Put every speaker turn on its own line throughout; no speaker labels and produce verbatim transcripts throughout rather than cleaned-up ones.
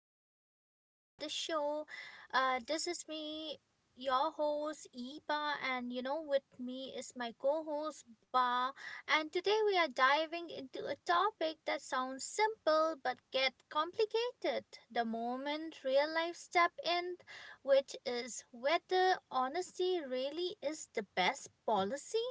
listeners in the show. Uh, this is me, your host Eba, and you know, with me is my co-host Ba. And today we are diving into a topic that sounds simple but get complicated the moment real life step in, which is whether honesty really is the best policy.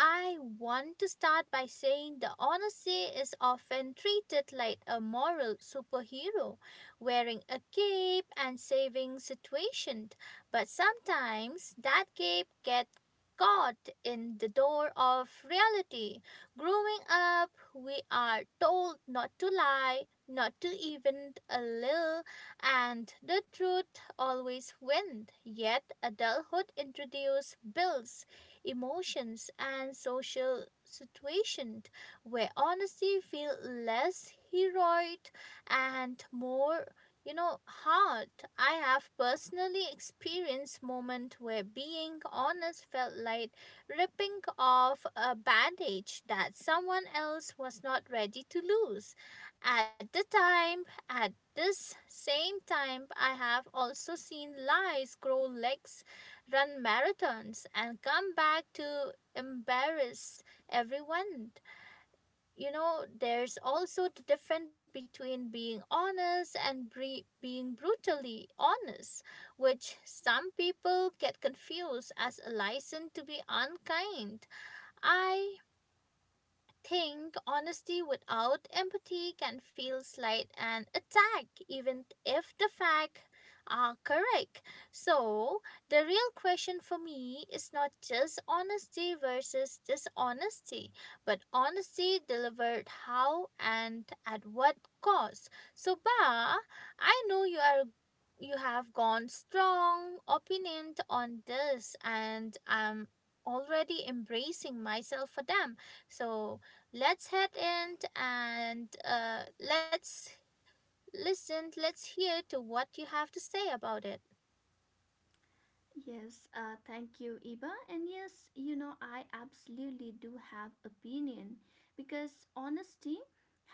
I want to start by saying the honesty is often treated like a moral superhero, wearing a cape and saving situations. But sometimes that cape gets caught in the door of reality. Growing up, we are told not to lie, not to even a little, and the truth always wins. Yet adulthood introduces bills emotions, and social situations where honesty feels less heroic and more you know hard. I have personally experienced moments where being honest felt like ripping off a bandage that someone else was not ready to lose at the time. At this same time, I have also seen lies grow legs run marathons and come back to embarrass everyone. You know, there's also the difference between being honest and bre- being brutally honest, which some people get confused as a license to be unkind. I think honesty without empathy can feel slight and attack even if the facts are correct. So the real question for me is not just honesty versus dishonesty but honesty delivered how and at what cost. So, Ba, I know you are you have gone strong opinion on this, and I'm already embracing myself for them. So let's head in, and uh, let's listen let's hear to what you have to say about it.
Yes, uh, thank you, Iba. And yes, you know, I absolutely do have opinion because honesty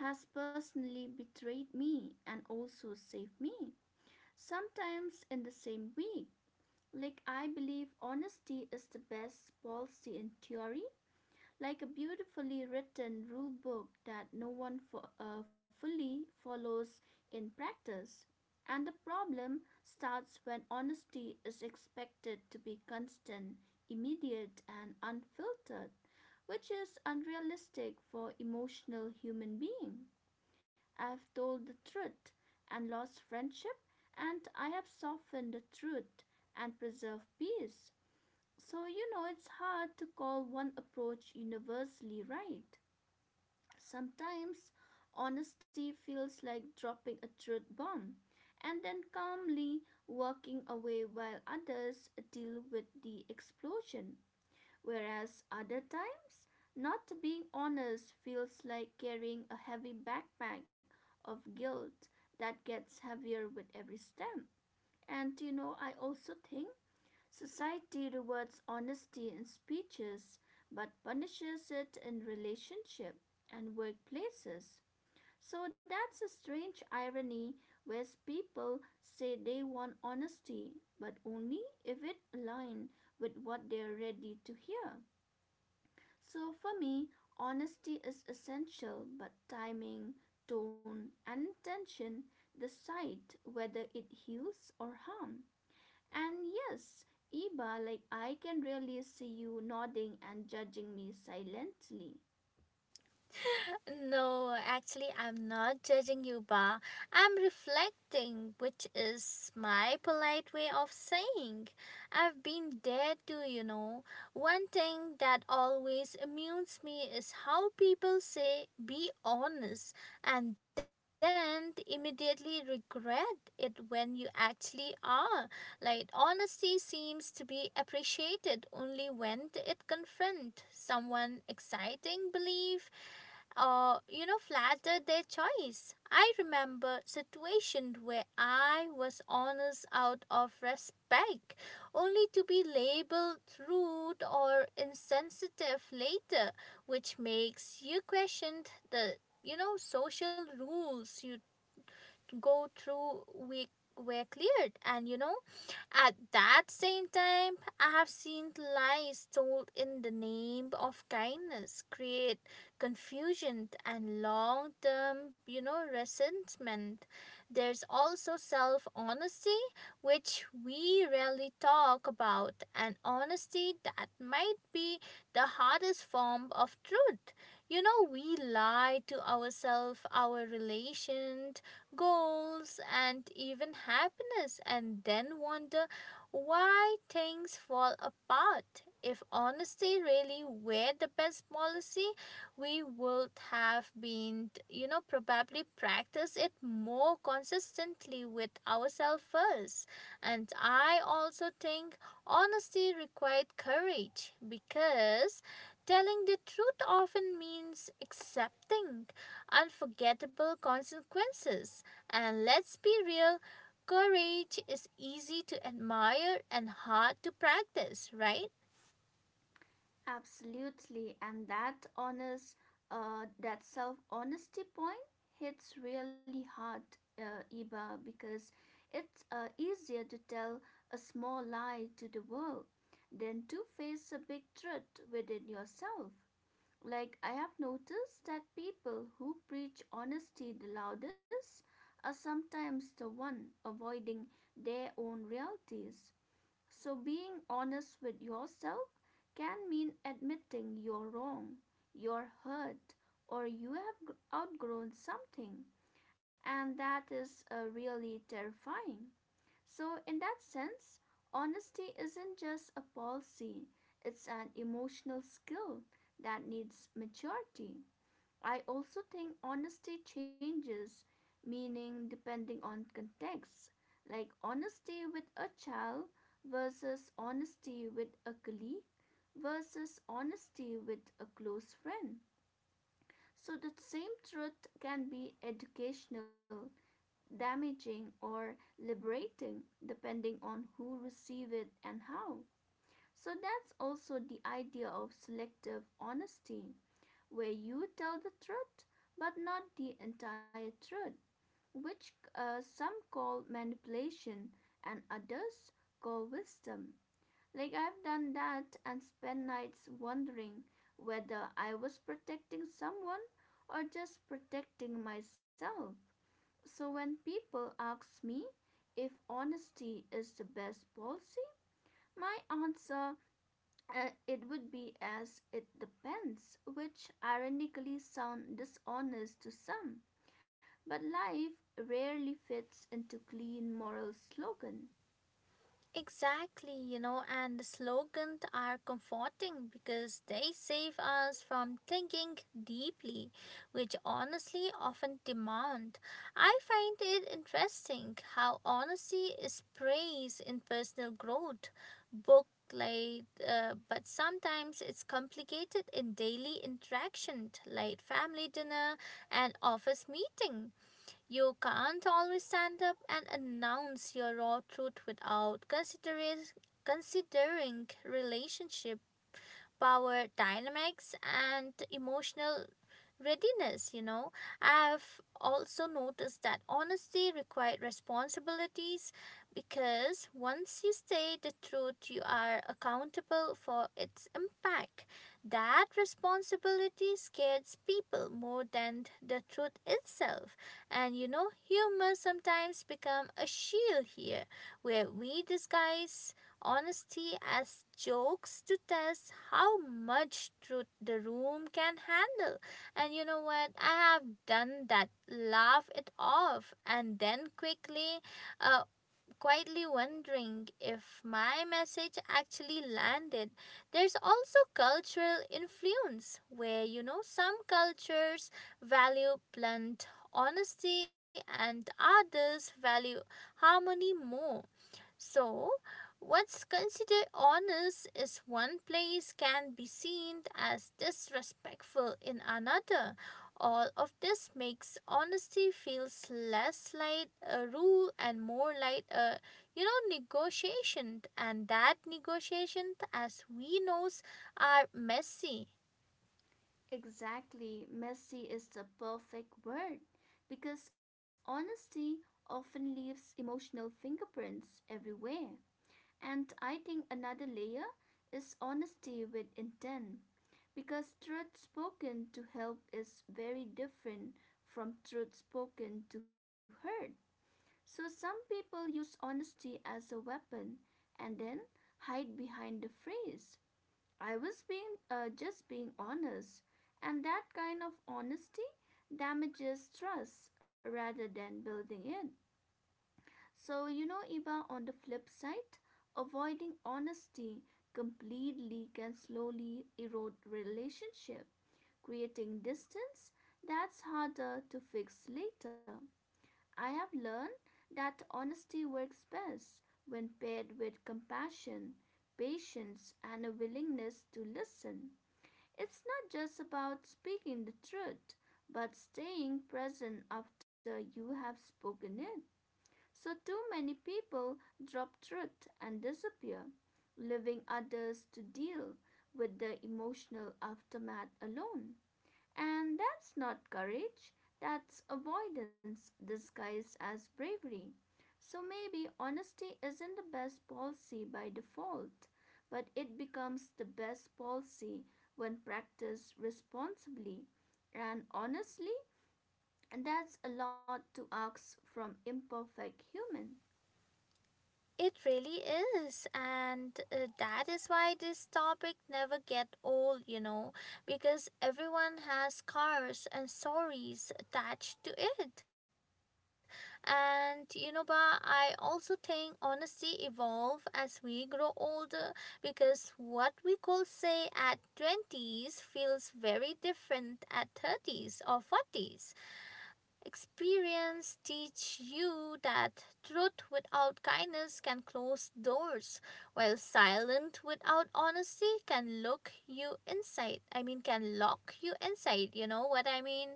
has personally betrayed me and also saved me. Sometimes in the same week. Like I believe honesty is the best policy in theory, like a beautifully written rule book that no one fo- uh, fully follows in practice. And the problem starts when honesty is expected to be constant, immediate, and unfiltered, which is unrealistic for emotional human being. I've told the truth and lost friendship, and I have softened the truth and preserved peace. So, you know, it's hard to call one approach universally right. Sometimes honesty feels like dropping a truth bomb and then calmly walking away while others deal with the explosion. Whereas other times, not being honest feels like carrying a heavy backpack of guilt that gets heavier with every step. And you know, I also think society rewards honesty in speeches but punishes it in relationships and workplaces. So that's a strange irony where people say they want honesty but only if it aligns with what they're ready to hear. So for me, honesty is essential but timing, tone and intention decide whether it heals or harms. And yes, Iba, like I can really see you nodding and judging me silently.
No, actually, I'm not judging you, Ba. I'm reflecting, which is my polite way of saying. I've been there too, you know. One thing that always amuses me is how people say, be honest, and then they immediately regret it when you actually are. Like, honesty seems to be appreciated only when it confronts someone exciting belief or you know, flatter their choice. I remember situation where I was honest out of respect, only to be labeled rude or insensitive later, which makes you question the, you know, social rules you go through week were cleared, and you know at that same time, I have seen lies told in the name of kindness create confusion and long term, you know, resentment. There's also self honesty, which we rarely talk about, and honesty that might be the hardest form of truth. You know, we lie to ourselves, our relations, goals, and even happiness, and then wonder why things fall apart. If honesty really were the best policy, we would have been, you know, probably practice it more consistently with ourselves first. And I also think honesty required courage because telling the truth often means accepting unforgettable consequences. And let's be real, courage is easy to admire and hard to practice, right?
Absolutely, and that honest, uh, that self honesty point hits really hard, uh, Iba, because it's uh, easier to tell a small lie to the world than to face a big truth within yourself. Like, I have noticed that people who preach honesty the loudest are sometimes the one avoiding their own realities. So, being honest with yourself can mean admitting you're wrong, you're hurt, or you have outgrown something. And that is uh, really terrifying. So, in that sense, honesty isn't just a policy, it's an emotional skill that needs maturity. I also think honesty changes meaning depending on context, like honesty with a child versus honesty with a colleague versus honesty with a close friend. So, the same truth can be educational damaging, or liberating, depending on who receives it and how. So that's also the idea of selective honesty, where you tell the truth but not the entire truth, which uh, some call manipulation and others call wisdom. Like I've done that and spent nights wondering whether I was protecting someone or just protecting myself. So when people ask me if honesty is the best policy, my answer uh, it would be as it depends, which ironically sound dishonest to some. But life rarely fits into clean moral slogan.
Exactly, you know, and the slogans are comforting because they save us from thinking deeply, which honestly often demand. I find it interesting how honesty is praised in personal growth, book like, uh, but sometimes it's complicated in daily interaction, like family dinner and office meeting. You can't always stand up and announce your raw truth without considering considering relationship, power dynamics, and emotional readiness you know I've also noticed that honesty required responsibilities, because once you say the truth you are accountable for its impact. That responsibility scares people more than the truth itself, and you know humor sometimes become a shield here where we disguise honesty as jokes to test how much truth the room can handle. And you know what? I have done that. Laugh it off and then quickly, uh, quietly wondering if my message actually landed. There's also cultural influence where, you know, some cultures value blunt honesty and others value harmony more. So, what's considered honest is one place can be seen as disrespectful in another. All of this makes honesty feels less like a rule and more like a you know negotiation, and that negotiation as we knows are messy.
Exactly, messy is the perfect word because honesty often leaves emotional fingerprints everywhere. And I think another layer is honesty with intent, because truth spoken to help is very different from truth spoken to hurt. So some people use honesty as a weapon and then hide behind the phrase, I was being uh, just being honest. And that kind of honesty damages trust rather than building it. So, you know, Iba, on the flip side, avoiding honesty completely can slowly erode relationship, creating distance that's harder to fix later. I have learned that honesty works best when paired with compassion, patience, and a willingness to listen. It's not just about speaking the truth, but staying present after you have spoken it. So, too many people drop truth and disappear, leaving others to deal with the emotional aftermath alone. And that's not courage, that's avoidance disguised as bravery. So, maybe honesty isn't the best policy by default, but it becomes the best policy when practiced responsibly. And honestly, that's a lot to ask from imperfect human.
It really is, and uh, that is why this topic never get old, you know, because everyone has scars and stories attached to it. And you know, but I also think honesty evolve as we grow older because what we could say at twenties feels very different at thirties or forties. Experience teach you that truth without kindness can close doors, while silent without honesty can look you inside. I mean can lock you inside, you know what I mean?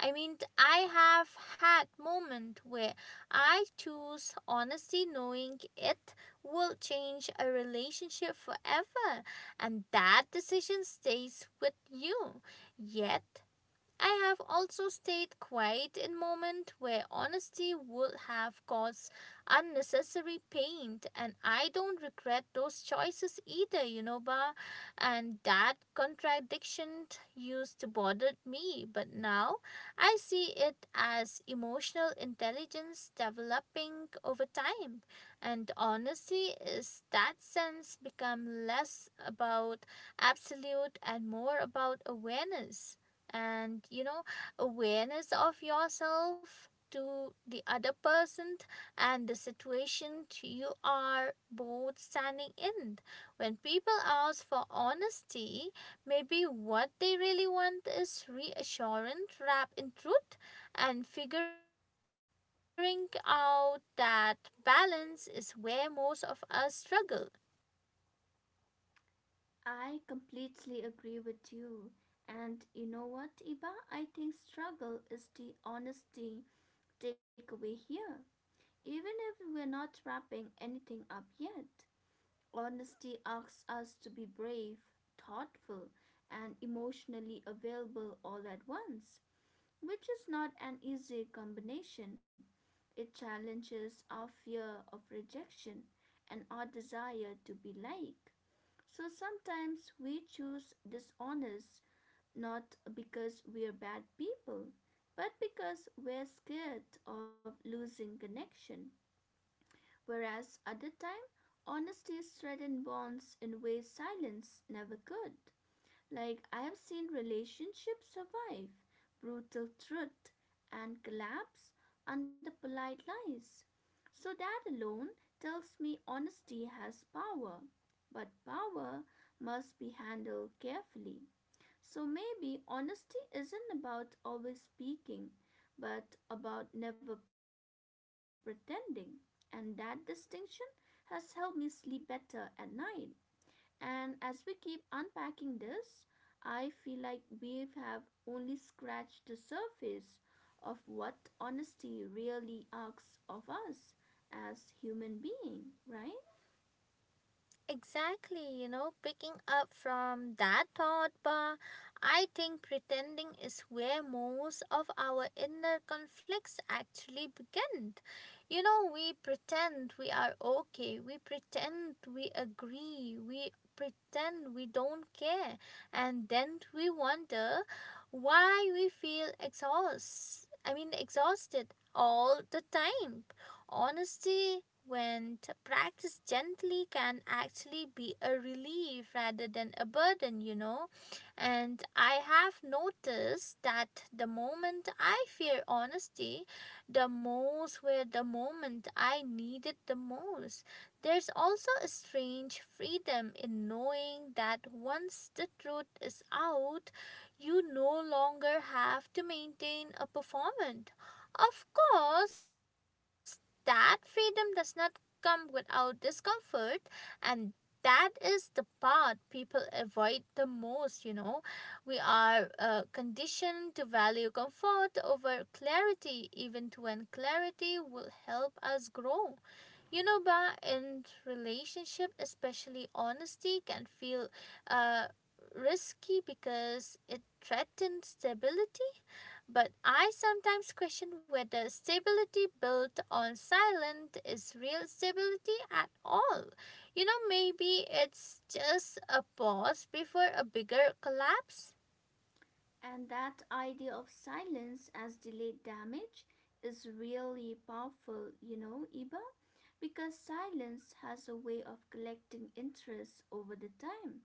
I mean I have had moment where I choose honesty knowing it will change a relationship forever, and that decision stays with you. Yet I have also stayed quiet in moments where honesty would have caused unnecessary pain, and I don't regret those choices either, you know, Ba. And that contradiction used to bother me, but now I see it as emotional intelligence developing over time, and honesty is that sense become less about absolute and more about awareness, and you know awareness of yourself to the other person and the situation you are both standing in. When people ask for honesty, maybe what they really want is reassurance wrapped in truth, and figuring out that balance is where most of us struggle.
I completely agree with you. And you know what, Iba? I think struggle is the honesty takeaway here. Even if we're not wrapping anything up yet, honesty asks us to be brave, thoughtful, and emotionally available all at once, which is not an easy combination. It challenges our fear of rejection and our desire to be liked. So sometimes we choose dishonest not because we're bad people, but because we're scared of losing connection. Whereas other time, honesty strengthens bonds in ways silence never could. Like, I have seen relationships survive brutal truth and collapse under polite lies. So, that alone tells me honesty has power, but power must be handled carefully. So, maybe honesty isn't about always speaking, but about never pretending, and that distinction has helped me sleep better at night. And as we keep unpacking this, I feel like we have only scratched the surface of what honesty really asks of us as human being, right?
Exactly, you know, picking up from that thought, Pa, I think pretending is where most of our inner conflicts actually begin. You know, we pretend we are okay, we pretend we agree, we pretend we don't care, and then we wonder why we feel exhaust. I mean, exhausted all the time. Honesty, when practiced gently, can actually be a relief rather than a burden, you know. And I have noticed that the moment I fear honesty, the most were the moment I need it the most. There's also a strange freedom in knowing that once the truth is out, you no longer have to maintain a performance. Of course, that freedom does not come without discomfort, and that is the part people avoid the most you know We are uh, conditioned to value comfort over clarity, even when clarity will help us grow you know Ba, in relationship especially, honesty can feel uh, risky because it threatens stability, but I sometimes question whether stability built on silence is real stability at all. You know, maybe it's just a pause before a bigger collapse.
And that idea of silence as delayed damage is really powerful, you know, Iba, because silence has a way of collecting interest over the time.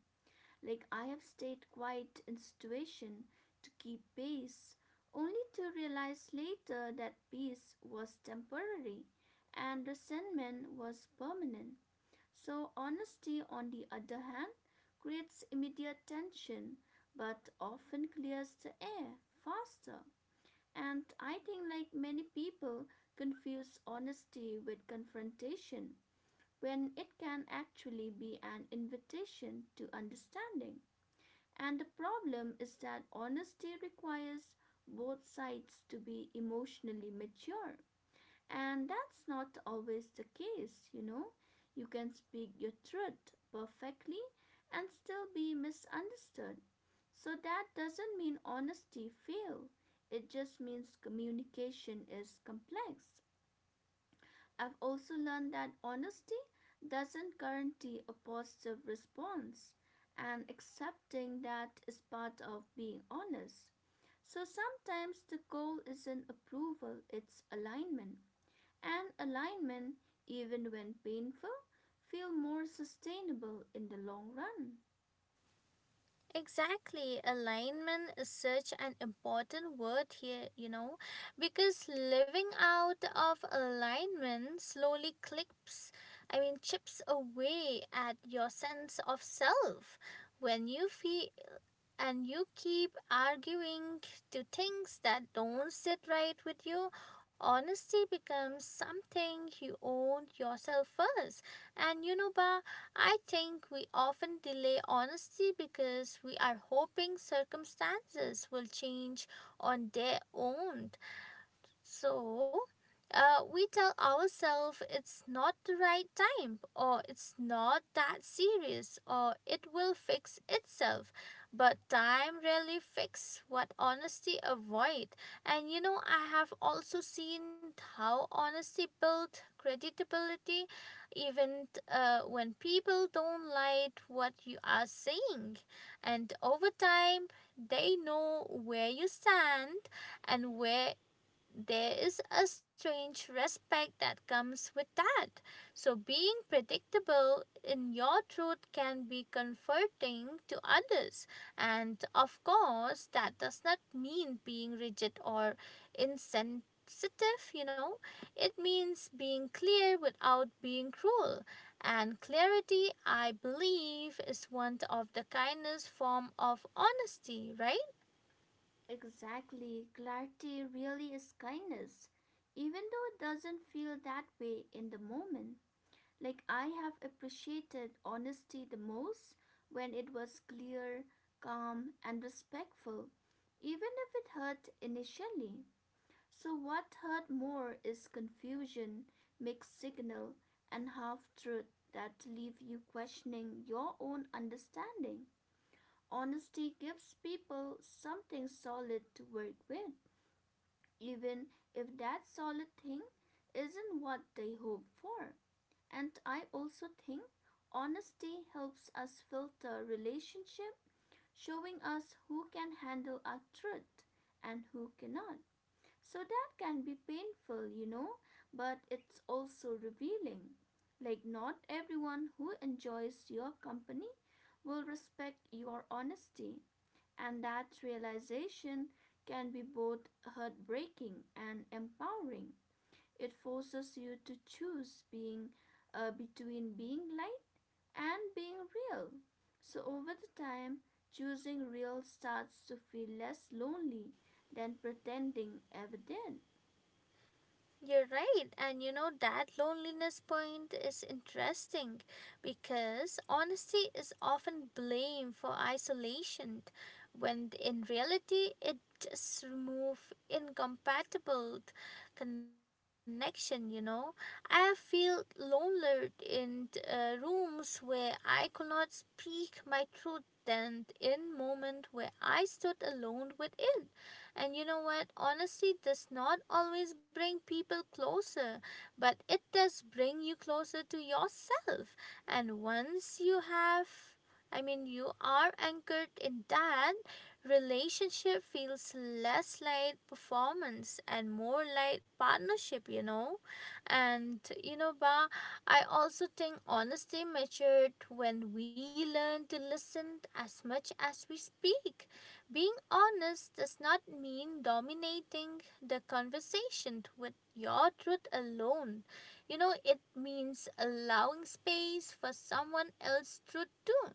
Like I have stayed quiet in situation to keep peace, only to realize later that peace was temporary and resentment was permanent. So honesty, on the other hand, creates immediate tension but often clears the air faster. And I think, like many people, confuse honesty with confrontation when it can actually be an invitation to understanding. And the problem is that honesty requires both sides to be emotionally mature. And that's not always the case, you know. You can speak your truth perfectly and still be misunderstood. So that doesn't mean honesty failed. It just means communication is complex. I've also learned that honesty doesn't guarantee a positive response, and accepting that is part of being honest. So sometimes the goal isn't approval, it's alignment. And alignment, even when painful, feel more sustainable in the long run.
Exactly, alignment is such an important word here, you know, because living out of alignment slowly clips, I mean, chips away at your sense of self when you feel and you keep arguing to things that don't sit right with you, honesty becomes something you own yourself first. And you know, Ba, I think we often delay honesty because we are hoping circumstances will change on their own. So, uh, we tell ourselves it's not the right time, or it's not that serious, or it will fix itself. But time rarely fixes what honesty avoid. And you know, I have also seen how honesty builds credibility, even uh, when people don't like what you are saying. And over time, they know where you stand, and where there is a strange respect that comes with that. So, being predictable in your truth can be comforting to others. And of course, that does not mean being rigid or insensitive, you know. It means being clear without being cruel. And clarity, I believe, is one of the kindest form of honesty, right?
Exactly, clarity really is kindness, even though it doesn't feel that way in the moment. Like, I have appreciated honesty the most when it was clear, calm, and respectful, even if it hurt initially. So, what hurt more is confusion, mixed signal, and half truth that leave you questioning your own understanding. Honesty gives people something solid to work with, even if that solid thing isn't what they hope for. And I also think honesty helps us filter relationship, showing us who can handle our truth and who cannot. So that can be painful, you know, but it's also revealing. Like, not everyone who enjoys your company will respect your honesty, and that realization can be both heartbreaking and empowering. It forces you to choose being uh, between being light and being real. So over the time, choosing real starts to feel less lonely than pretending ever did.
You're right. And you know, that loneliness point is interesting, because honesty is often blamed for isolation, when in reality, it just removes incompatible connection, you know. I feel lonelier in uh, rooms where I could not speak my truth than in moment where I stood alone with it. And you know what? Honesty does not always bring people closer, but it does bring you closer to yourself. And once you have, I mean, you are anchored in that, relationship feels less like performance and more like partnership, you know? And, you know, Ba, I also think honesty matured when we learn to listen as much as we speak. Being honest does not mean dominating the conversation with your truth alone. You know, it means allowing space for someone else's truth too,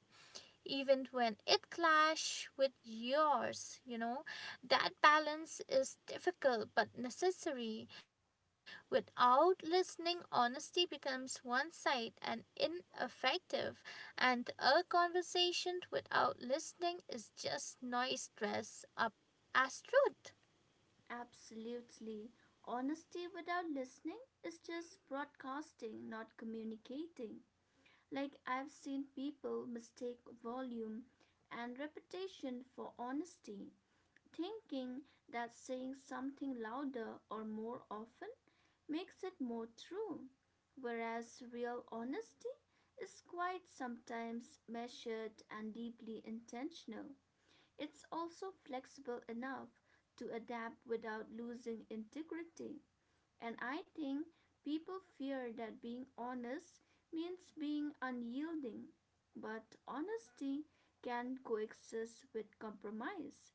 even when it clash with yours you know That balance is difficult but necessary. Without listening, honesty becomes one sided and ineffective, and a conversation without listening is just noise dressed up as truth.
Absolutely. Honesty without listening is just broadcasting, not communicating. Like I've seen people mistake volume and reputation for honesty, thinking that saying something louder or more often makes it more true, whereas real honesty is quite sometimes measured and deeply intentional. It's also flexible enough to adapt without losing integrity. And I think people fear that being honest means being unyielding, but honesty can coexist with compromise.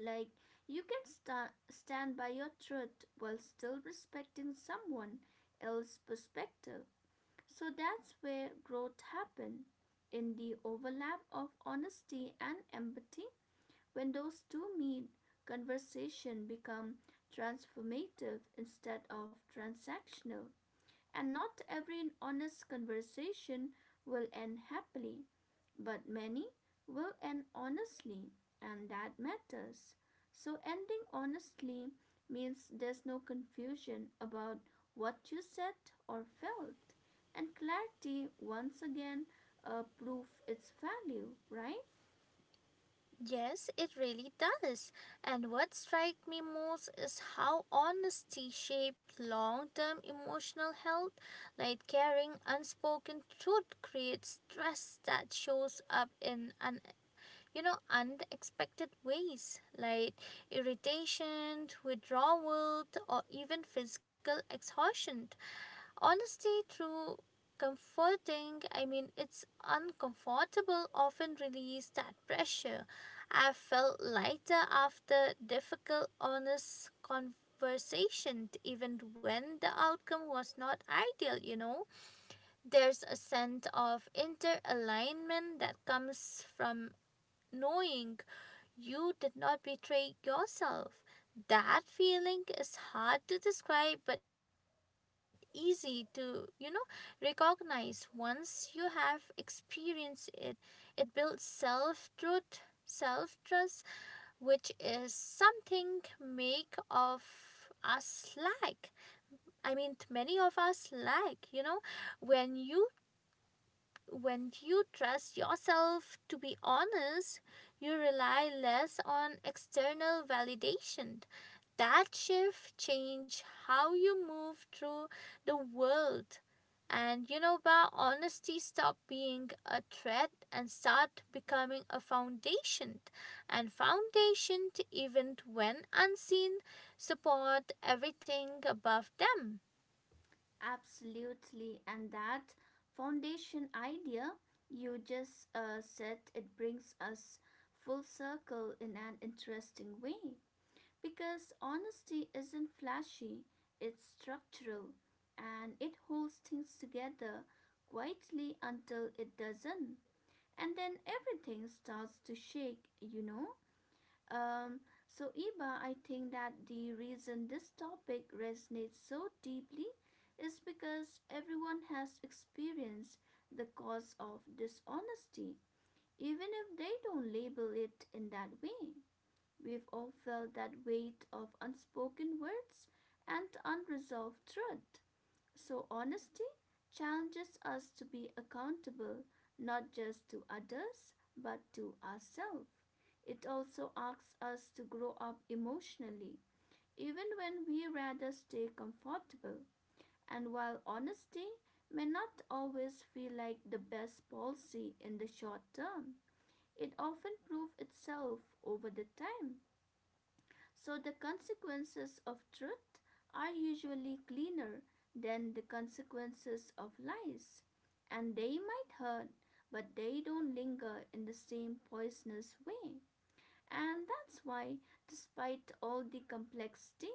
Like, you can sta- stand by your truth while still respecting someone else's perspective. So that's where growth happens in the overlap of honesty and empathy. When those two meet, conversation become transformative instead of transactional and not every honest conversation will end happily, but many will end honestly, and that matters. So, ending honestly means there's no confusion about what you said or felt, and clarity once again uh, proof its value, right?
Yes, it really does. And what strikes me most is how honesty shapes long term emotional health. Like carrying unspoken truth creates stress that shows up in un- you know unexpected ways like irritation, withdrawal, or even physical exhaustion. Honesty through comforting, I mean, it's uncomfortable often release that pressure. I felt lighter after difficult honest conversation, even when the outcome was not ideal you know There's a sense of interalignment that comes from knowing you did not betray yourself. That feeling is hard to describe but easy to, you know, recognize once you have experienced it. It builds self truth, self trust, which is something make of us lack. I mean, many of us lack, you know, when you when you trust yourself to be honest, you rely less on external validation. That shift changed how you move through the world. And you know, Ba, honesty stop being a threat and start becoming a foundation. And foundation, even when unseen, support everything above them.
Absolutely. And that foundation idea you just uh, said, it brings us full circle in an interesting way. Because honesty isn't flashy, it's structural and it holds things together quietly until it doesn't. And then everything starts to shake, you know? Um, so, Iba, I think that the reason this topic resonates so deeply is because everyone has experienced the cause of dishonesty, even if they don't label it in that way. We've all felt that weight of unspoken words and unresolved truth. So, honesty challenges us to be accountable not just to others but to ourselves. It also asks us to grow up emotionally, even when we rather stay comfortable. And while honesty may not always feel like the best policy in the short term, it often proves itself over the time. So the consequences of truth are usually cleaner than the consequences of lies, and they might hurt, but they don't linger in the same poisonous way. And that's why, despite all the complexity,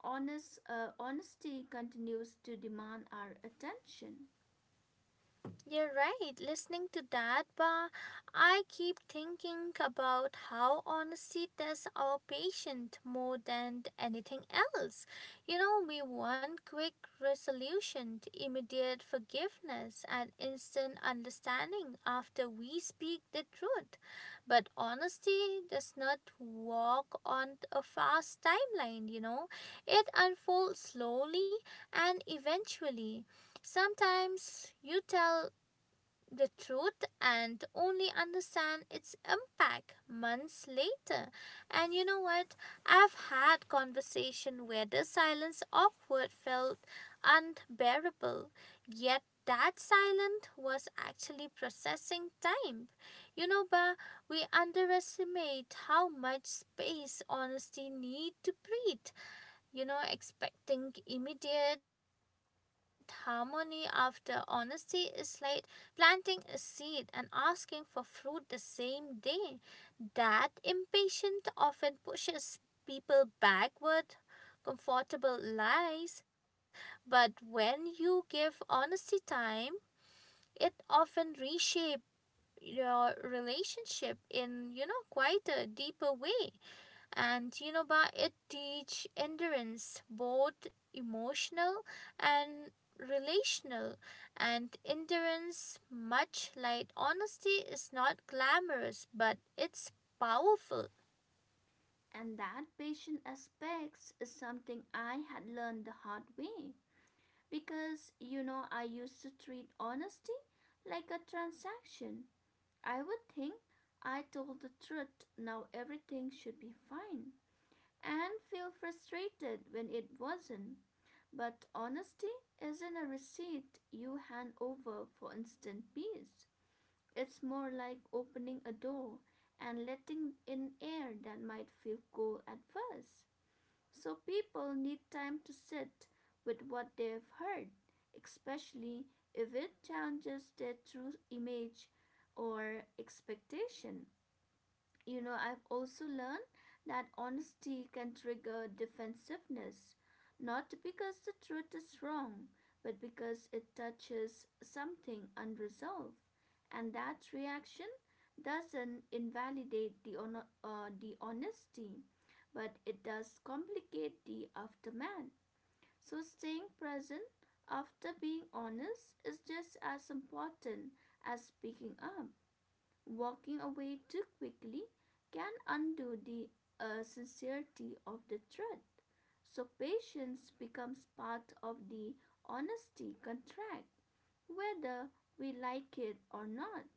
honest, uh, honesty continues to demand our attention.
You're right, listening to that, but I keep thinking about how honesty tests our patient more than anything else. You know, we want quick resolution, immediate forgiveness, and instant understanding after we speak the truth. But honesty does not walk on a fast timeline, you know, it unfolds slowly and eventually. Sometimes you tell the truth and only understand its impact months later, and you know what, I've had conversation where the silence awkward felt unbearable, yet that silence was actually processing time. You know ba We underestimate how much space honesty need to breathe. You know expecting immediate harmony after honesty is like planting a seed and asking for fruit the same day. That impatience often pushes people backward, comfortable lies. But when you give honesty time, it often reshapes your relationship in, you know quite a deeper way. And you know ba It teach endurance, both emotional and relational, and endurance, much like honesty, is not glamorous, but it's powerful.
And that patient aspects is something I had learned the hard way. Because you know, I used to treat honesty like a transaction. I would think I told the truth, now everything should be fine, and feel frustrated when it wasn't. But honesty isn't a receipt you hand over for instant peace. It's more like opening a door and letting in air that might feel cold at first, so people need time to sit with what they've heard, especially if it challenges their true image or expectation. You know, I've also learned that honesty can trigger defensiveness, not because the truth is wrong, but because it touches something unresolved. And that reaction doesn't invalidate the, ono- uh, the honesty, but it does complicate the aftermath. So, staying present after being honest is just as important as speaking up. Walking away too quickly can undo the uh, sincerity of the threat. So patience becomes part of the honesty contract, whether we like it or not.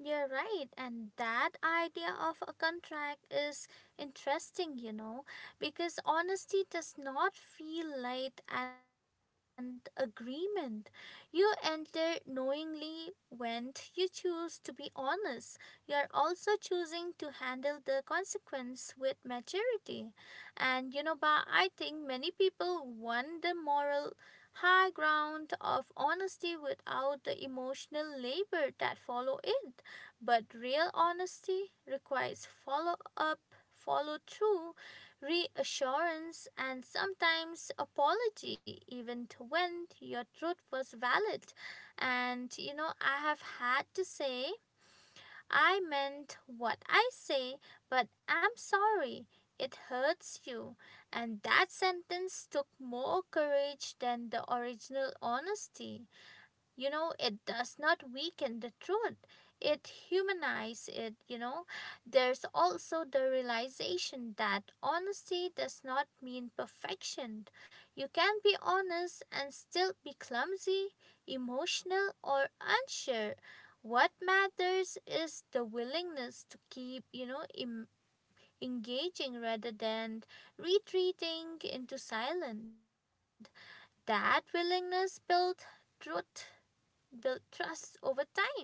You're right, and that idea of a contract is interesting, you know, because honesty does not feel like an agreement. You enter knowingly when you choose to be honest. You're also choosing to handle the consequence with maturity. And you know, ba. I think many people want the moral high ground of honesty without the emotional labor that follow it, but real honesty requires follow up, follow through, reassurance, and sometimes apology, even when your truth was valid. And you know, I have had to say, I meant what I say, but I'm sorry. It hurts you. And that sentence took more courage than the original honesty you know It does not weaken the truth, it humanizes it you know There's also the realization that honesty does not mean perfection. You can be honest and still be clumsy, emotional, or unsure. What matters is the willingness to keep, you know im engaging rather than retreating into silence. That willingness builds truth, build trust over time.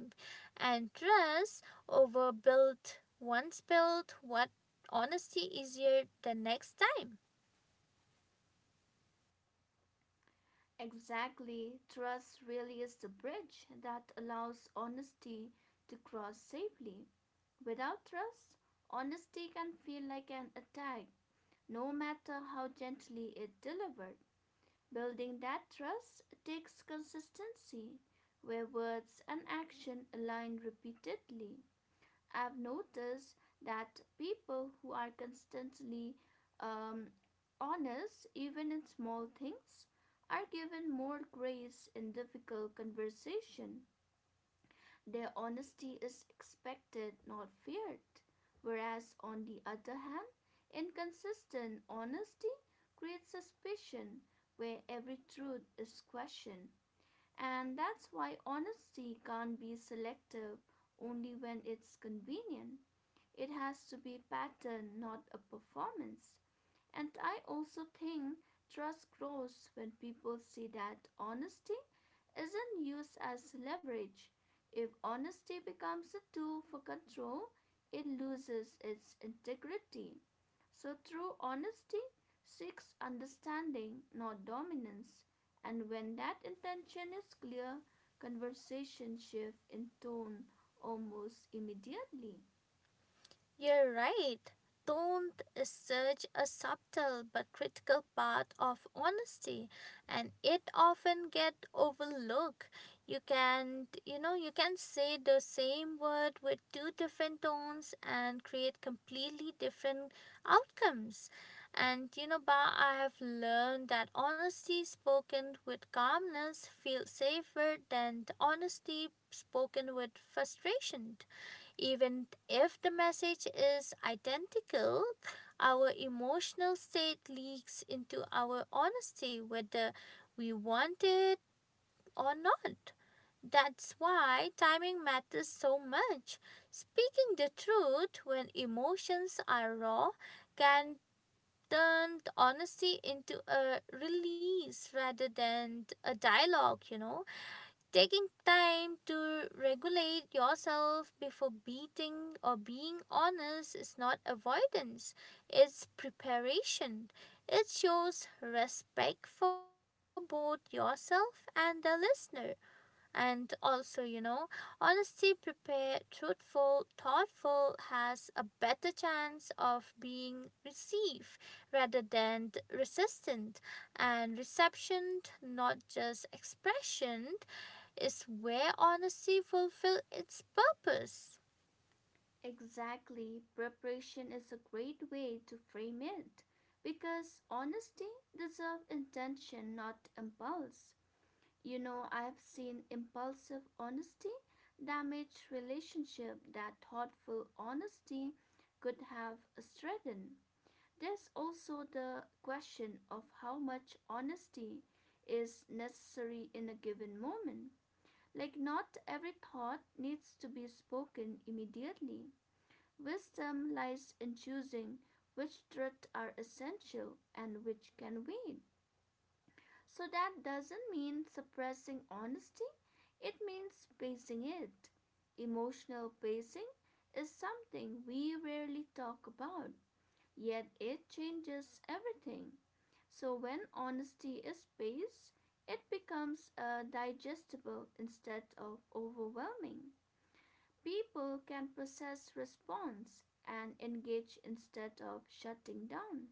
And trust over built, once built, what honesty easier the next time.
Exactly, trust really is the bridge that allows honesty to cross safely. Without trust, honesty can feel like an attack, no matter how gently it delivered. Building that trust takes consistency, where words and action align repeatedly. I've noticed that people who are constantly um, honest, even in small things, are given more grace in difficult conversation. Their honesty is expected, not feared. Whereas, on the other hand, inconsistent honesty creates suspicion where every truth is questioned. And that's why honesty can't be selective only when it's convenient. It has to be a pattern, not a performance. And I also think trust grows when people see that honesty isn't used as leverage. If honesty becomes a tool for control, it loses its integrity. So, true honesty seeks understanding, not dominance. And when that intention is clear, conversation shifts in tone almost immediately.
You're right. Don't is such a subtle but critical part of honesty, and it often get overlooked. You can you know you can say the same word with two different tones and create completely different outcomes. And you know, Ba, I have learned that honesty spoken with calmness feels safer than the honesty spoken with frustration. Even if the message is identical, our emotional state leaks into our honesty, whether we want it or not. That's why timing matters so much. Speaking the truth when emotions are raw can turn honesty into a release rather than a dialogue, you know. Taking time to regulate yourself before beating or being honest is not avoidance, it's preparation. It shows respect for both yourself and the listener. And also, you know, honesty, prepared, truthful, thoughtful, has a better chance of being received rather than d- resistant. And reception, not just expression, is where honesty fulfills its purpose.
Exactly, preparation is a great way to frame it because honesty deserves intention, not impulse. You know, I have seen impulsive honesty damage relationship that thoughtful honesty could have strengthened. There's also the question of how much honesty is necessary in a given moment. Like, not every thought needs to be spoken immediately. Wisdom lies in choosing which truths are essential and which can wait. So that doesn't mean suppressing honesty, it means pacing it. Emotional pacing is something we rarely talk about, yet it changes everything. So when honesty is paced, it becomes uh, digestible instead of overwhelming. People can process response and engage instead of shutting down.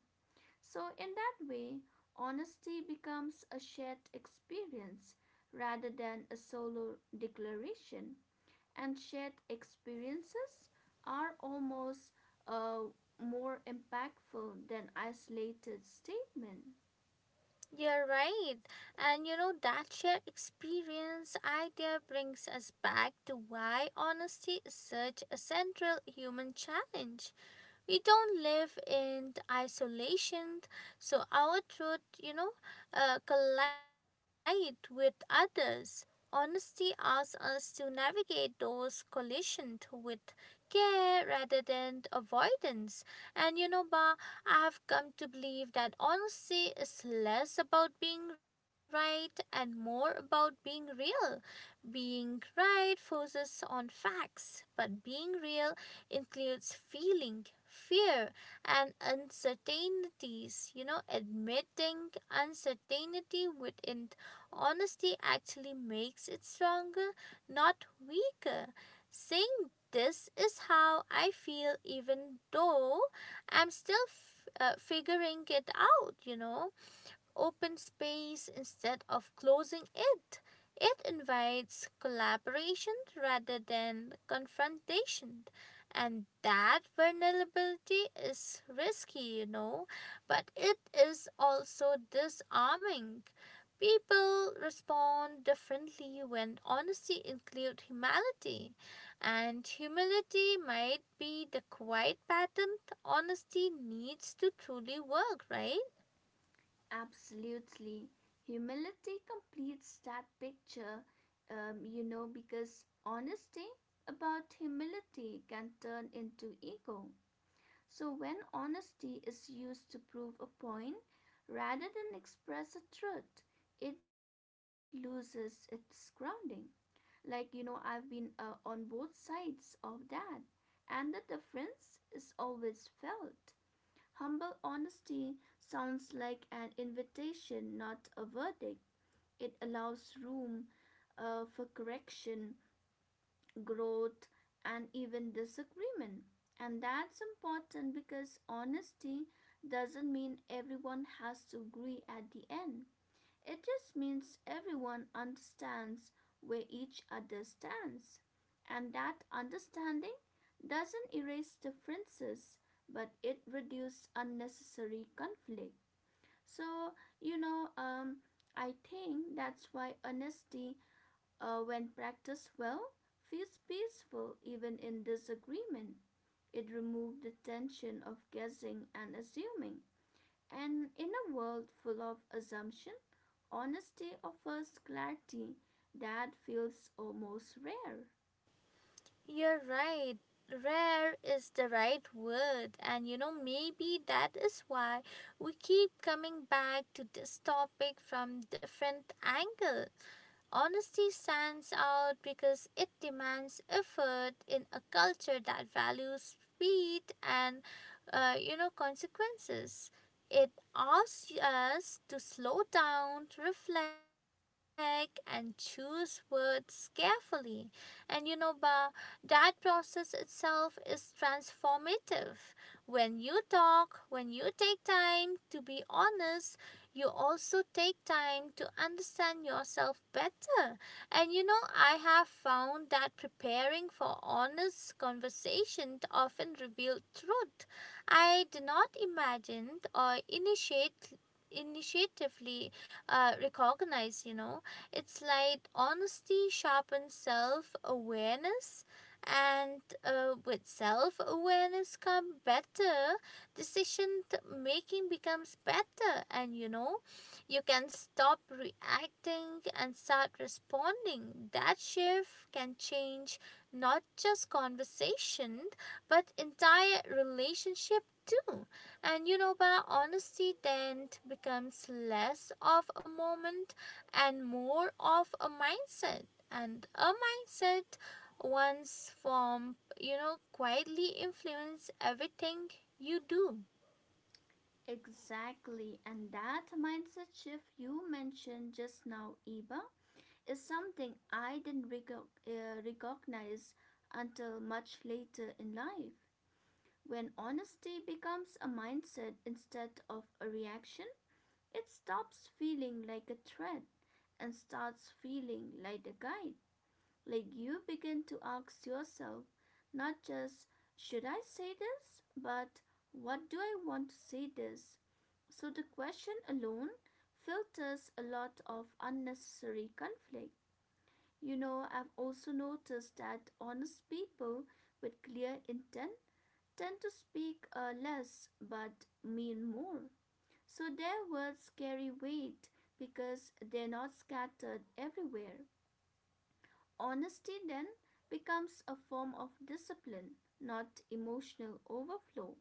So, in that way, honesty becomes a shared experience rather than a solo declaration, and shared experiences are almost uh, more impactful than isolated statements.
You're right. And you know, that shared experience idea brings us back to why honesty is such a central human challenge. We don't live in isolation, so our truth, you know, uh, collide with others. Honesty asks us to navigate those collisions with care rather than avoidance. And you know, Ba, I have come to believe that honesty is less about being right and more about being real. Being right focuses on facts, but being real includes feeling, fear, and uncertainties. You know, admitting uncertainty within honesty actually makes it stronger, not weaker. Saying this is how I feel, even though I'm still f- uh, figuring it out, you know open space instead of closing it. It invites collaboration rather than confrontation. And that vulnerability is risky, you know, but it is also disarming. People respond differently when honesty includes humility, and humility might be the quiet pattern honesty needs to truly work, right?
Absolutely. Humility completes that picture, um, you know, because honesty about humility can turn into ego. So, when honesty is used to prove a point rather than express a truth, it loses its grounding. Like, you know, I've been uh, on both sides of that, and the difference is always felt. Humble honesty sounds like an invitation, not a verdict. It allows room uh, for correction, growth, and even disagreement. And that's important because honesty doesn't mean everyone has to agree at the end. It just means everyone understands where each other stands, and that understanding doesn't erase differences, but it reduces unnecessary conflict. So, you know, um, I think that's why honesty, uh, when practiced well, feels peaceful even in disagreement. It removes the tension of guessing and assuming. And in a world full of assumption, honesty offers clarity that feels almost rare.
You're right. Rare is the right word, and you know, maybe that is why we keep coming back to this topic from different angle. Honesty stands out because it demands effort in a culture that values speed and uh, you know consequences. It asks us to slow down, to reflect, and choose words carefully. And you know, Ba, that process itself is transformative. When you talk, when you take time to be honest, you also take time to understand yourself better. And you know, I have found that preparing for honest conversation often revealed truth I did not imagine or initiate initiatively, uh, recognize. You know it's like honesty sharpens self-awareness, and uh, with self-awareness come better decision making becomes better. And you know You can stop reacting and start responding. That shift can change not just conversation but entire relationship too. And you know, by honesty then becomes less of a moment and more of a mindset, and a mindset, once formed, you know quietly influence everything you do.
Exactly, and that mindset shift you mentioned just now, Eva, is something I didn't recog- uh, recognize until much later in life. When honesty becomes a mindset instead of a reaction, it stops feeling like a threat and starts feeling like a guide. Like you begin to ask yourself not just should I say this, but what do I want to say this? So the question alone filters a lot of unnecessary conflict. You know, I've also noticed that honest people with clear intent tend to speak uh, less but mean more. So their words carry weight because they're not scattered everywhere. Honesty then becomes a form of discipline, not emotional overflow.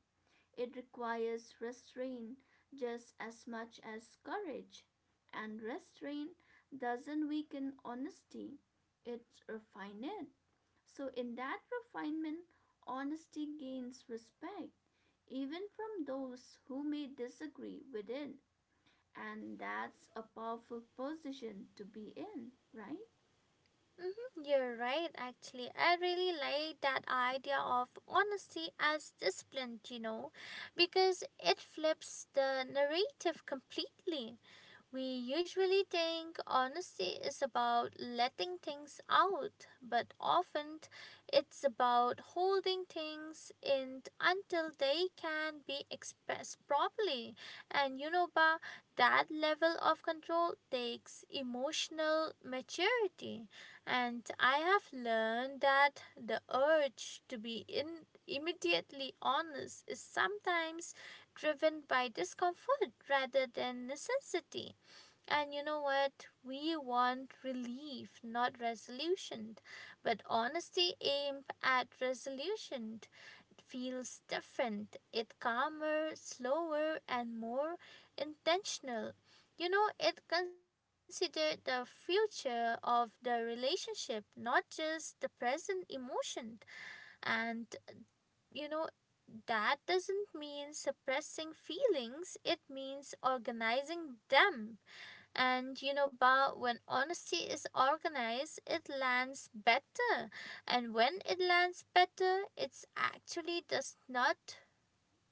It requires restraint just as much as courage, and restraint doesn't weaken honesty, it refines it. So, in that refinement, honesty gains respect, even from those who may disagree with it. And that's a powerful position to be in, right?
You're right, actually. I really like that idea of honesty as discipline, you know, because it flips the narrative completely. We usually think honesty is about letting things out, but often it's about holding things in until they can be expressed properly. And you know, Ba, that level of control takes emotional maturity. And I have learned that the urge to be in immediately honest is sometimes driven by discomfort rather than necessity. And you know what? We want relief, not resolution. But honesty aimed at resolution feels different. It calmer, slower, and more intentional. You know, it considered the future of the relationship, not just the present emotion. And you know, that doesn't mean suppressing feelings, it means organizing them. And you know, Ba, when honesty is organized, it lands better. And when it lands better, it's actually does not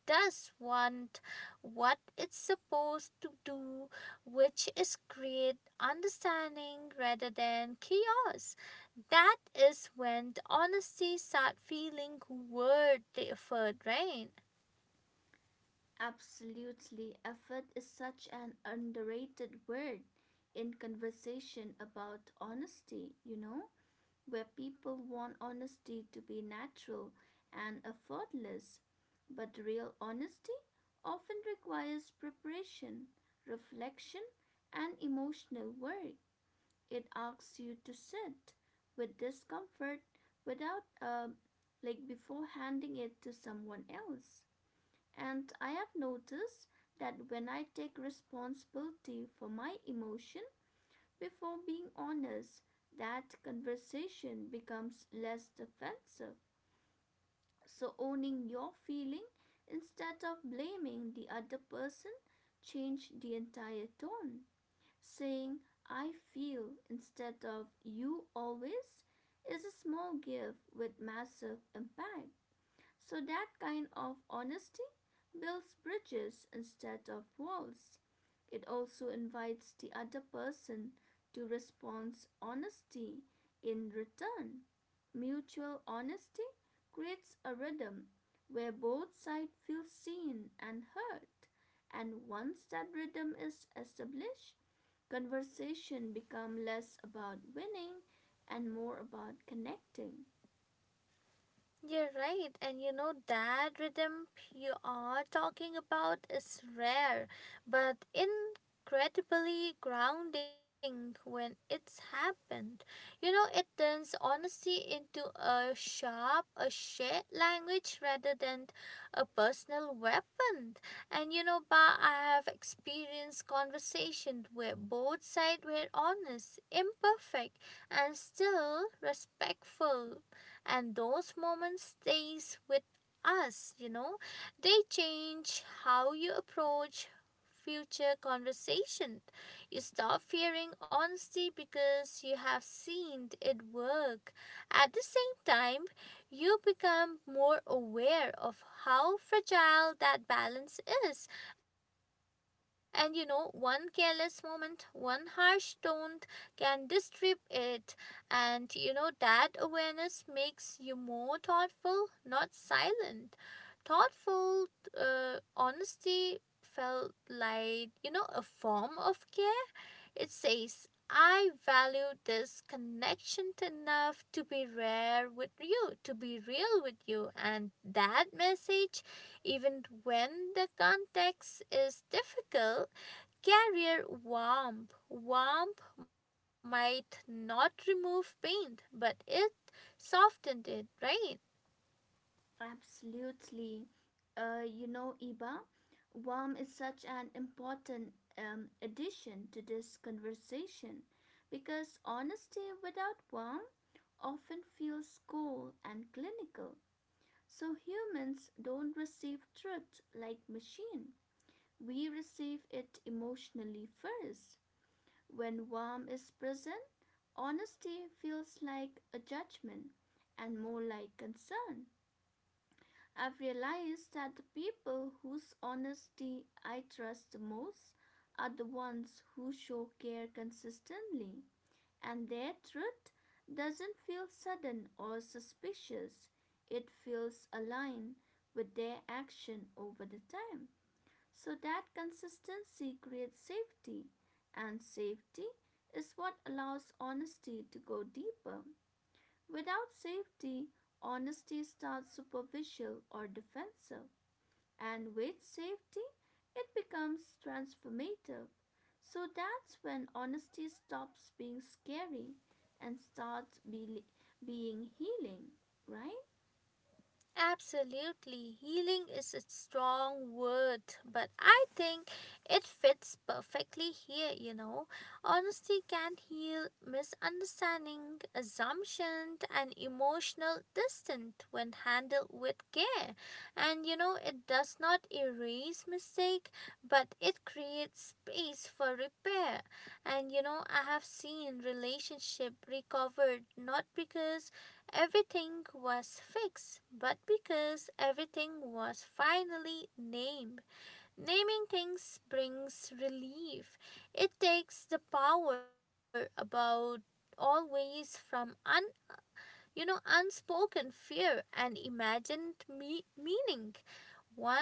does want what it's supposed to do, which is create understanding rather than chaos. That is when the honesty start feeling worth the effort, right?
Absolutely. Effort is such an underrated word in conversation about honesty, you know, where people want honesty to be natural and effortless. But real honesty often requires preparation, reflection, and emotional work. It asks you to sit with discomfort without, uh, like, before handing it to someone else. And I have noticed that when I take responsibility for my emotion before being honest, that conversation becomes less defensive. So owning your feeling instead of blaming the other person change the entire tone. Saying I feel instead of you always is a small gift with massive impact. So that kind of honesty builds bridges instead of walls. It also invites the other person to respond honesty in return. Mutual honesty creates a rhythm where both sides feel seen and heard. And once that rhythm is established, conversation become less about winning and more about connecting.
You're right, and you know that rhythm you are talking about is rare, but incredibly grounding when it's happened. You know, it turns honesty into a sharp, a shared language rather than a personal weapon. And you know, Ba, I have experienced conversations where both sides were honest, imperfect, and still respectful, and those moments stays with us you know They change how you approach future conversation. You stop fearing honesty because you have seen it work. At the same time, you become more aware of how fragile that balance is. And you know, one careless moment, one harsh tone can disrupt it. And you know, that awareness makes you more thoughtful, not silent. Thoughtful uh, honesty felt like, you know, a form of care. It says, I value this connection enough to be rare with you, to be real with you. And that message, even when the context is difficult, Carrier warmth. Warmth might not remove paint, but it softened it, right?
Absolutely. Uh, you know, Iba, warm is such an important um, addition to this conversation because honesty without warm often feels cold and clinical. So humans don't receive truth like machine. We receive it emotionally first. When warm is present, honesty feels like a judgment and more like concern. I've realized that the people whose honesty I trust the most are the ones who show care consistently, and their truth doesn't feel sudden or suspicious. It feels aligned with their action over the time. So that consistency creates safety, and safety is what allows honesty to go deeper. Without safety, honesty starts superficial or defensive and with safety, it becomes transformative. So that's when honesty stops being scary and starts be- being healing, right?
Absolutely. Healing is a strong word, but I think it fits perfectly here, you know. Honesty can heal misunderstanding, assumption, and emotional distance when handled with care. And you know, it does not erase mistake, but it creates space for repair. And you know, I have seen relationship recovered not because everything was fixed, but because everything was finally named. Naming things brings relief. It takes the power about always from un you know unspoken fear and imagined me- meaning. One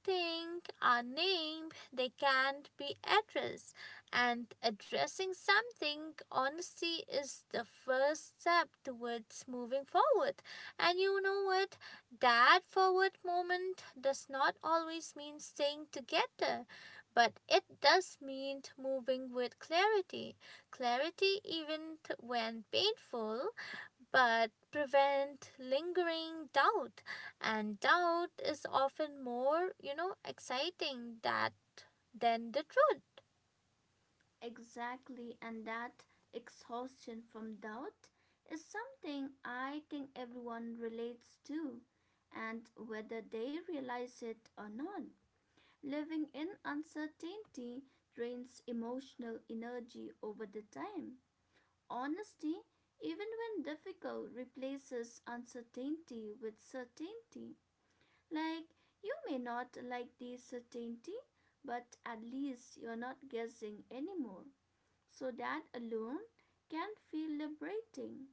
think are named, they can't be addressed. And addressing something, honesty is the first step towards moving forward. And you know what? That forward moment does not always mean staying together, but it does mean moving with clarity. Clarity, even when painful, but prevent lingering doubt, and doubt is often more, you know exciting that than the truth.
Exactly, and that exhaustion from doubt is something I think everyone relates to, and whether they realize it or not. Living in uncertainty drains emotional energy over the time. Honesty, even when difficult, replaces uncertainty with certainty. Like, you may not like the certainty, but at least you're not guessing anymore. So that alone can feel liberating.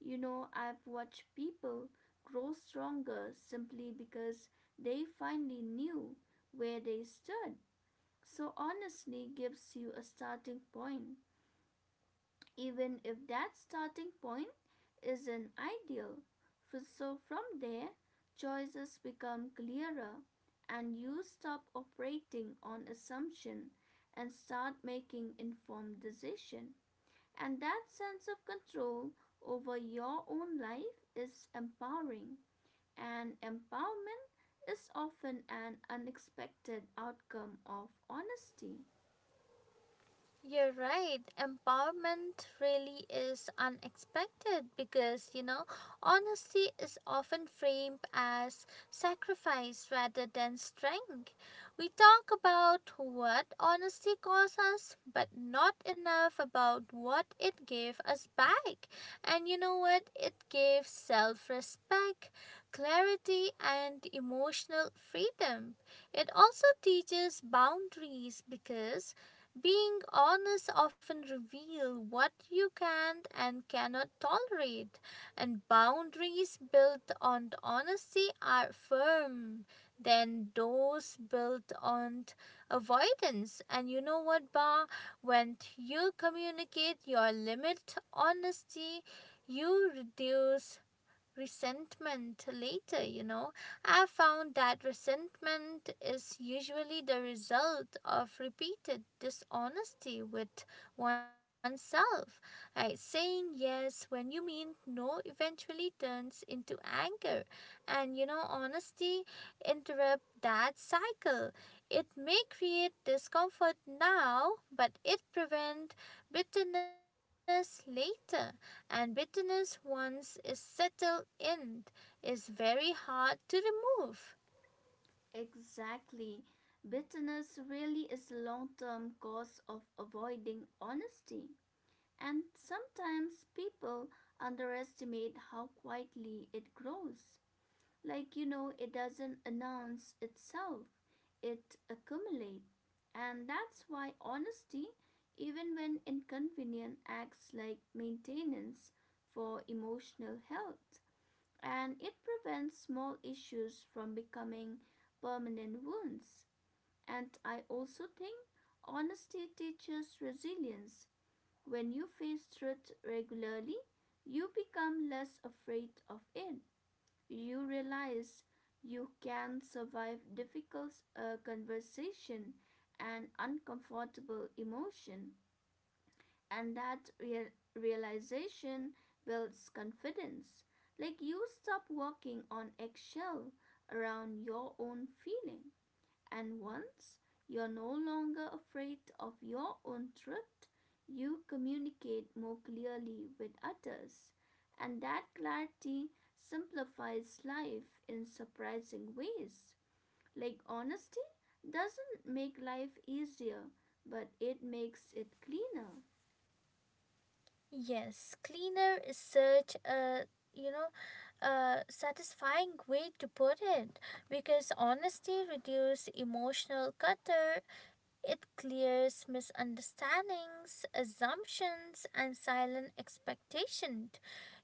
You know, I've watched people grow stronger simply because they finally knew where they stood. So, honestly gives you a starting point even if that starting point isn't ideal. So from there, choices become clearer and you stop operating on assumption and start making informed decisions. And that sense of control over your own life is empowering. And empowerment is often an unexpected outcome of honesty.
You're right. Empowerment really is unexpected because, you know, honesty is often framed as sacrifice rather than strength. We talk about what honesty costs us, but not enough about what it gave us back. And you know what? It gave self respect, clarity, and emotional freedom. It also teaches boundaries because being honest often reveals what you can and cannot tolerate, and boundaries built on honesty are firm than those built on avoidance. And you know what, Ba? When you communicate your limit honesty, you reduce resentment later, you know. I found that resentment is usually the result of repeated dishonesty with oneself. Right? Saying yes when you mean no eventually turns into anger. And you know, honesty interrupt that cycle. It may create discomfort now, but it prevent bitterness later, and bitterness, once is settled in, is very hard to remove.
Exactly. Bitterness really is a long term cause of avoiding honesty. And sometimes people underestimate how quietly it grows. Like, you know, it doesn't announce itself, it accumulates. And that's why honesty, even when inconvenient, acts like maintenance for emotional health and it prevents small issues from becoming permanent wounds. And I also think honesty teaches resilience. When you face truth regularly, you become less afraid of it. You realize you can survive difficult uh, conversation and uncomfortable emotion and that real- realization builds confidence. Like you stop walking on eggshell around your own feeling, and once you're no longer afraid of your own truth, you communicate more clearly with others, and that clarity simplifies life in surprising ways. Like honesty doesn't make life easier, but it makes it cleaner.
Yes, cleaner is such a you know a satisfying way to put it, because honesty reduces emotional clutter. It clears misunderstandings, assumptions, and silent expectations.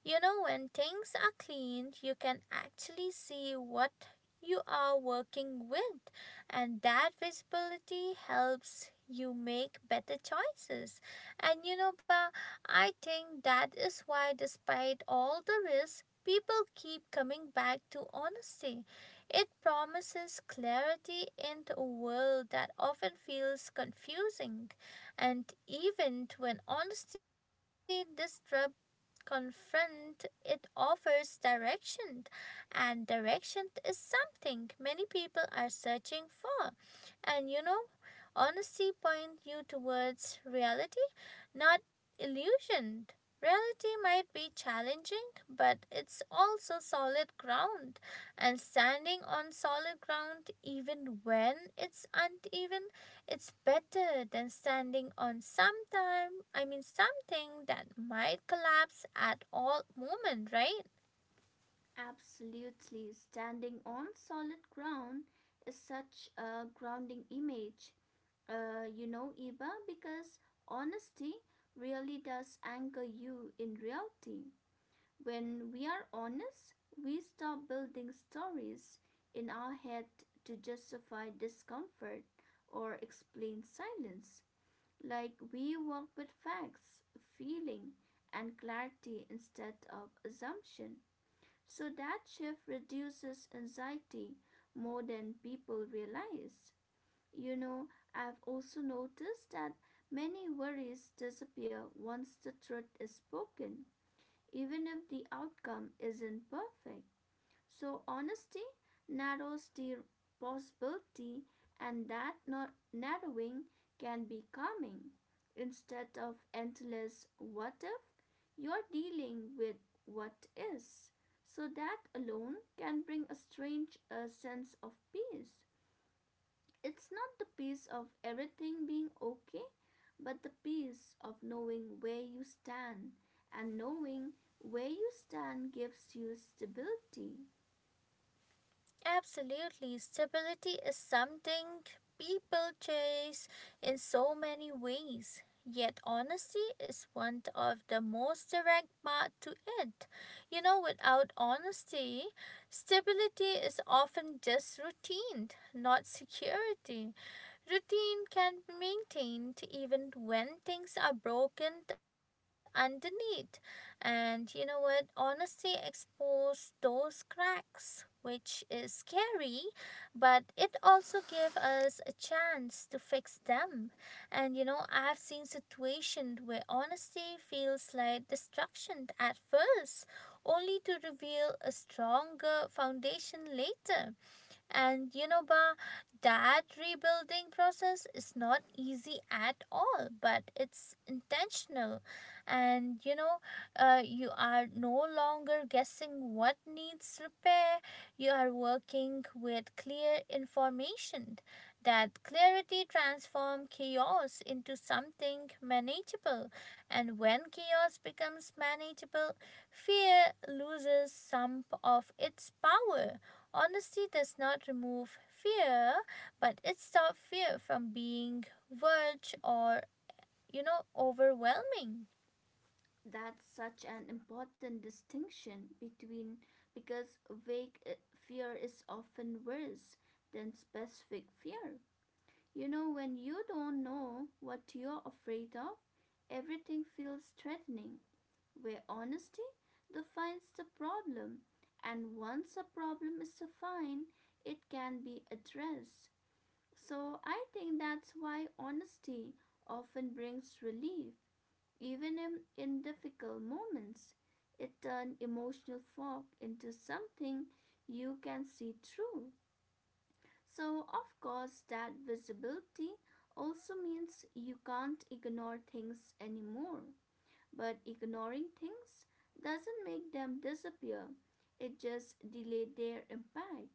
You know, when things are cleaned, you can actually see what you are working with, and that visibility helps you make better choices. And you know, Ba, I think that is why, despite all the risks, people keep coming back to honesty. It promises clarity in a world that often feels confusing, and even when honesty disrupts, confront it offers direction, and direction is something many people are searching for. And you know, honesty point you towards reality, not illusioned. Reality might be challenging, but it's also solid ground. And standing on solid ground, even when it's uneven, it's better than standing on sometime, I mean, something that might collapse at all moment, right?
Absolutely, standing on solid ground is such a grounding image, uh, you know, Iba, because honesty really does anchor you in reality. When we are honest, we stop building stories in our head to justify discomfort or explain silence. Like we work with facts, feeling, and clarity instead of assumption. So that shift reduces anxiety more than people realize. You know, I've also noticed that many worries disappear once the truth is spoken, even if the outcome isn't perfect. So, honesty narrows the possibility, and that no- narrowing can be calming. Instead of endless what if, you're dealing with what is. So, that alone can bring a strange uh, sense of peace. It's not the peace of everything being okay, but the peace of knowing where you stand. And knowing where you stand gives you stability.
Absolutely. Stability is something people chase in so many ways. Yet honesty is one of the most direct path to it. You know, without honesty, stability is often just routine, not security. Routine can be maintained even when things are broken underneath. And you know what? Honesty exposes those cracks, which is scary, but it also gave us a chance to fix them. And you know, I've seen situations where honesty feels like destruction at first, only to reveal a stronger foundation later. And you know, Ba, that rebuilding process is not easy at all, but it's intentional. And you know, uh, you are no longer guessing what needs repair, you are working with clear information. That clarity transforms chaos into something manageable, and when chaos becomes manageable, fear loses some of its power. Honesty does not remove fear, but it stops fear from being verge or, you know, overwhelming.
That's such an important distinction between because vague uh, fear is often worse than specific fear. You know, when you don't know what you're afraid of, everything feels threatening. Where honesty defines the problem, and once a problem is defined, it can be addressed. So, I think that's why honesty often brings relief even in, in difficult moments, it turned emotional fog into something you can see through. So, of course, that visibility also means you can't ignore things anymore. But ignoring things doesn't make them disappear, it just delays their impact.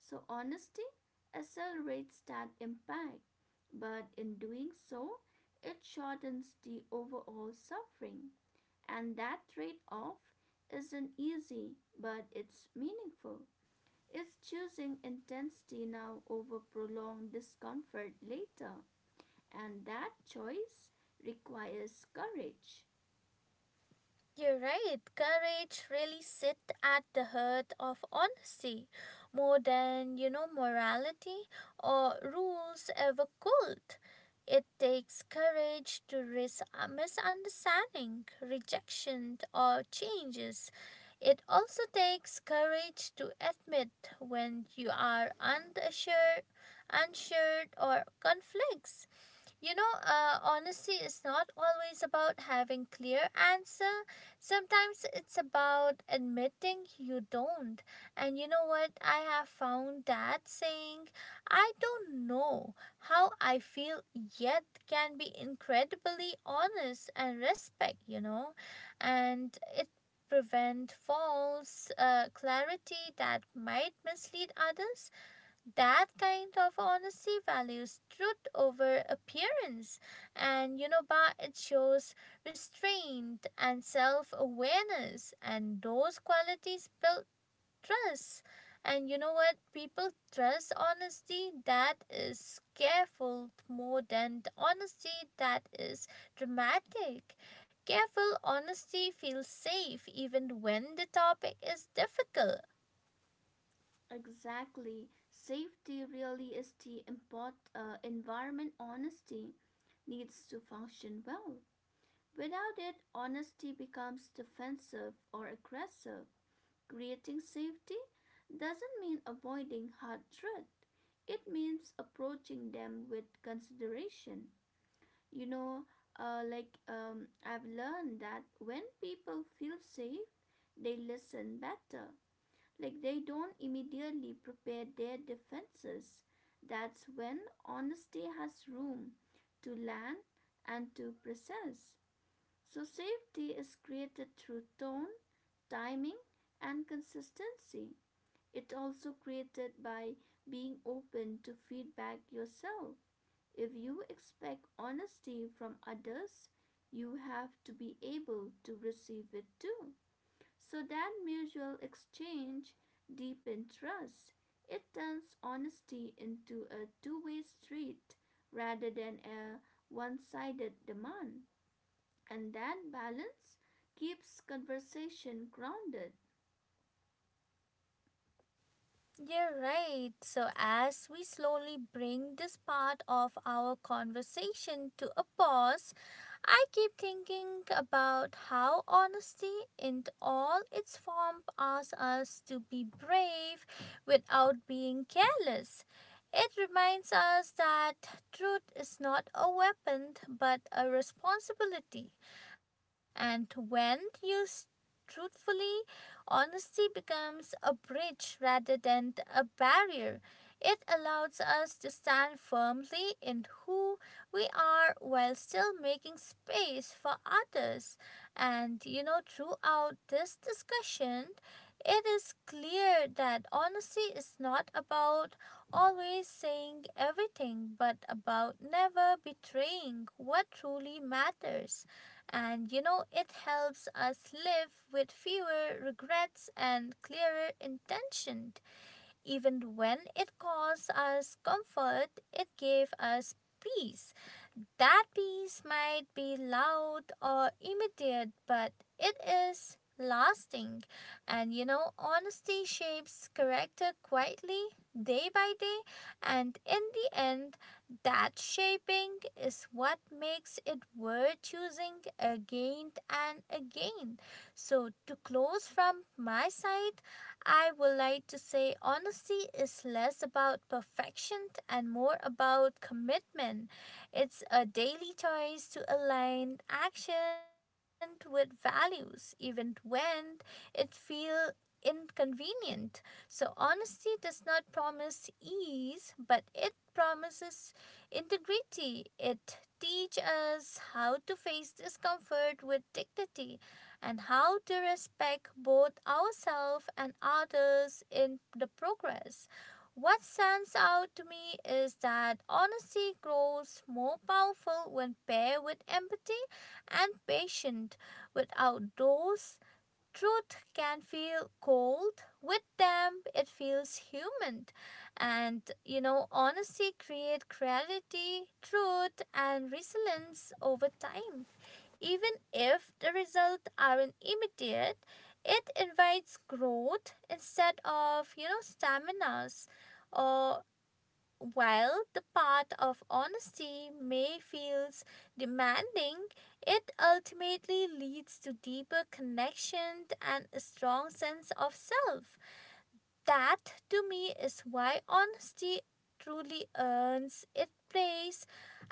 So, honesty accelerates that impact, but in doing so, it shortens the overall suffering. And that trade off isn't easy, but it's meaningful. It's choosing intensity now over prolonged discomfort later, and that choice requires courage.
You're right. Courage really sit at the heart of honesty, more than, you know, morality or rules ever could. It takes courage to risk a misunderstanding, rejection, or changes. It also takes courage to admit when you are unsure, unsure, or conflicts. You know, uh, honesty is not always about having clear answer. Sometimes it's about admitting you don't. And you know what? I have found that saying, "I don't know how I feel yet," can be incredibly honest and respect. You know, and it prevent false uh, clarity that might mislead others. That kind of honesty values truth over appearance, and you know, but it shows restraint and self-awareness, and those qualities build trust. And you know what, people trust honesty that is careful more than the honesty that is dramatic. Careful honesty feels safe even when the topic is difficult.
Exactly. Safety really is the import, uh, environment honesty needs to function well. Without it, honesty becomes defensive or aggressive. Creating safety doesn't mean avoiding hard truth. It means approaching them with consideration. You know, uh, like um, I've learned that when people feel safe, they listen better like they don't immediately prepare their defenses. That's when honesty has room to land and to process. So, safety is created through tone, timing, and consistency. It's also created by being open to feedback yourself. If you expect honesty from others, you have to be able to receive it too. So that mutual exchange deepens trust. It turns honesty into a two way street rather than a one sided demand. And that balance keeps conversation grounded.
You're right. So, as we slowly bring this part of our conversation to a pause, I keep thinking about how honesty in all its form asks us to be brave without being careless. It reminds us that truth is not a weapon but a responsibility, and when used truthfully, honesty becomes a bridge rather than a barrier. It allows us to stand firmly in who we are while still making space for others. And you know, throughout this discussion, it is clear that honesty is not about always saying everything, but about never betraying what truly matters. And you know, it helps us live with fewer regrets and clearer intention. Even when it caused us comfort, it gave us peace. That peace might be loud or immediate, but it is lasting. And you know, honesty shapes character quietly, day by day, and in the end, that shaping is what makes it worth choosing again and again. So, to close from my side, I would like to say honesty is less about perfection and more about commitment. It's a daily choice to align action with values, even when it feels inconvenient. So, honesty does not promise ease, but it promises integrity. It teaches us how to face discomfort with dignity and how to respect both ourselves and others in the progress. What stands out to me is that honesty grows more powerful when paired with empathy and patience. Without those, truth can feel cold; with them it feels human. And you know, honesty creates clarity, truth, and resilience over time. Even if the results aren't immediate, it invites growth instead of, you know, stamina, or while the path of honesty may feel demanding, it ultimately leads to deeper connection and a strong sense of self. That, to me, is why honesty truly earns its place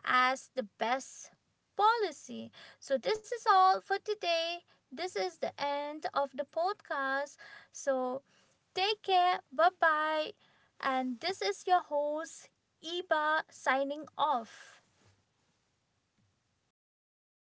as the best policy. So, this is all for today. This is the end of the podcast. So, take care. Bye bye. And this is your host, Eba, signing off.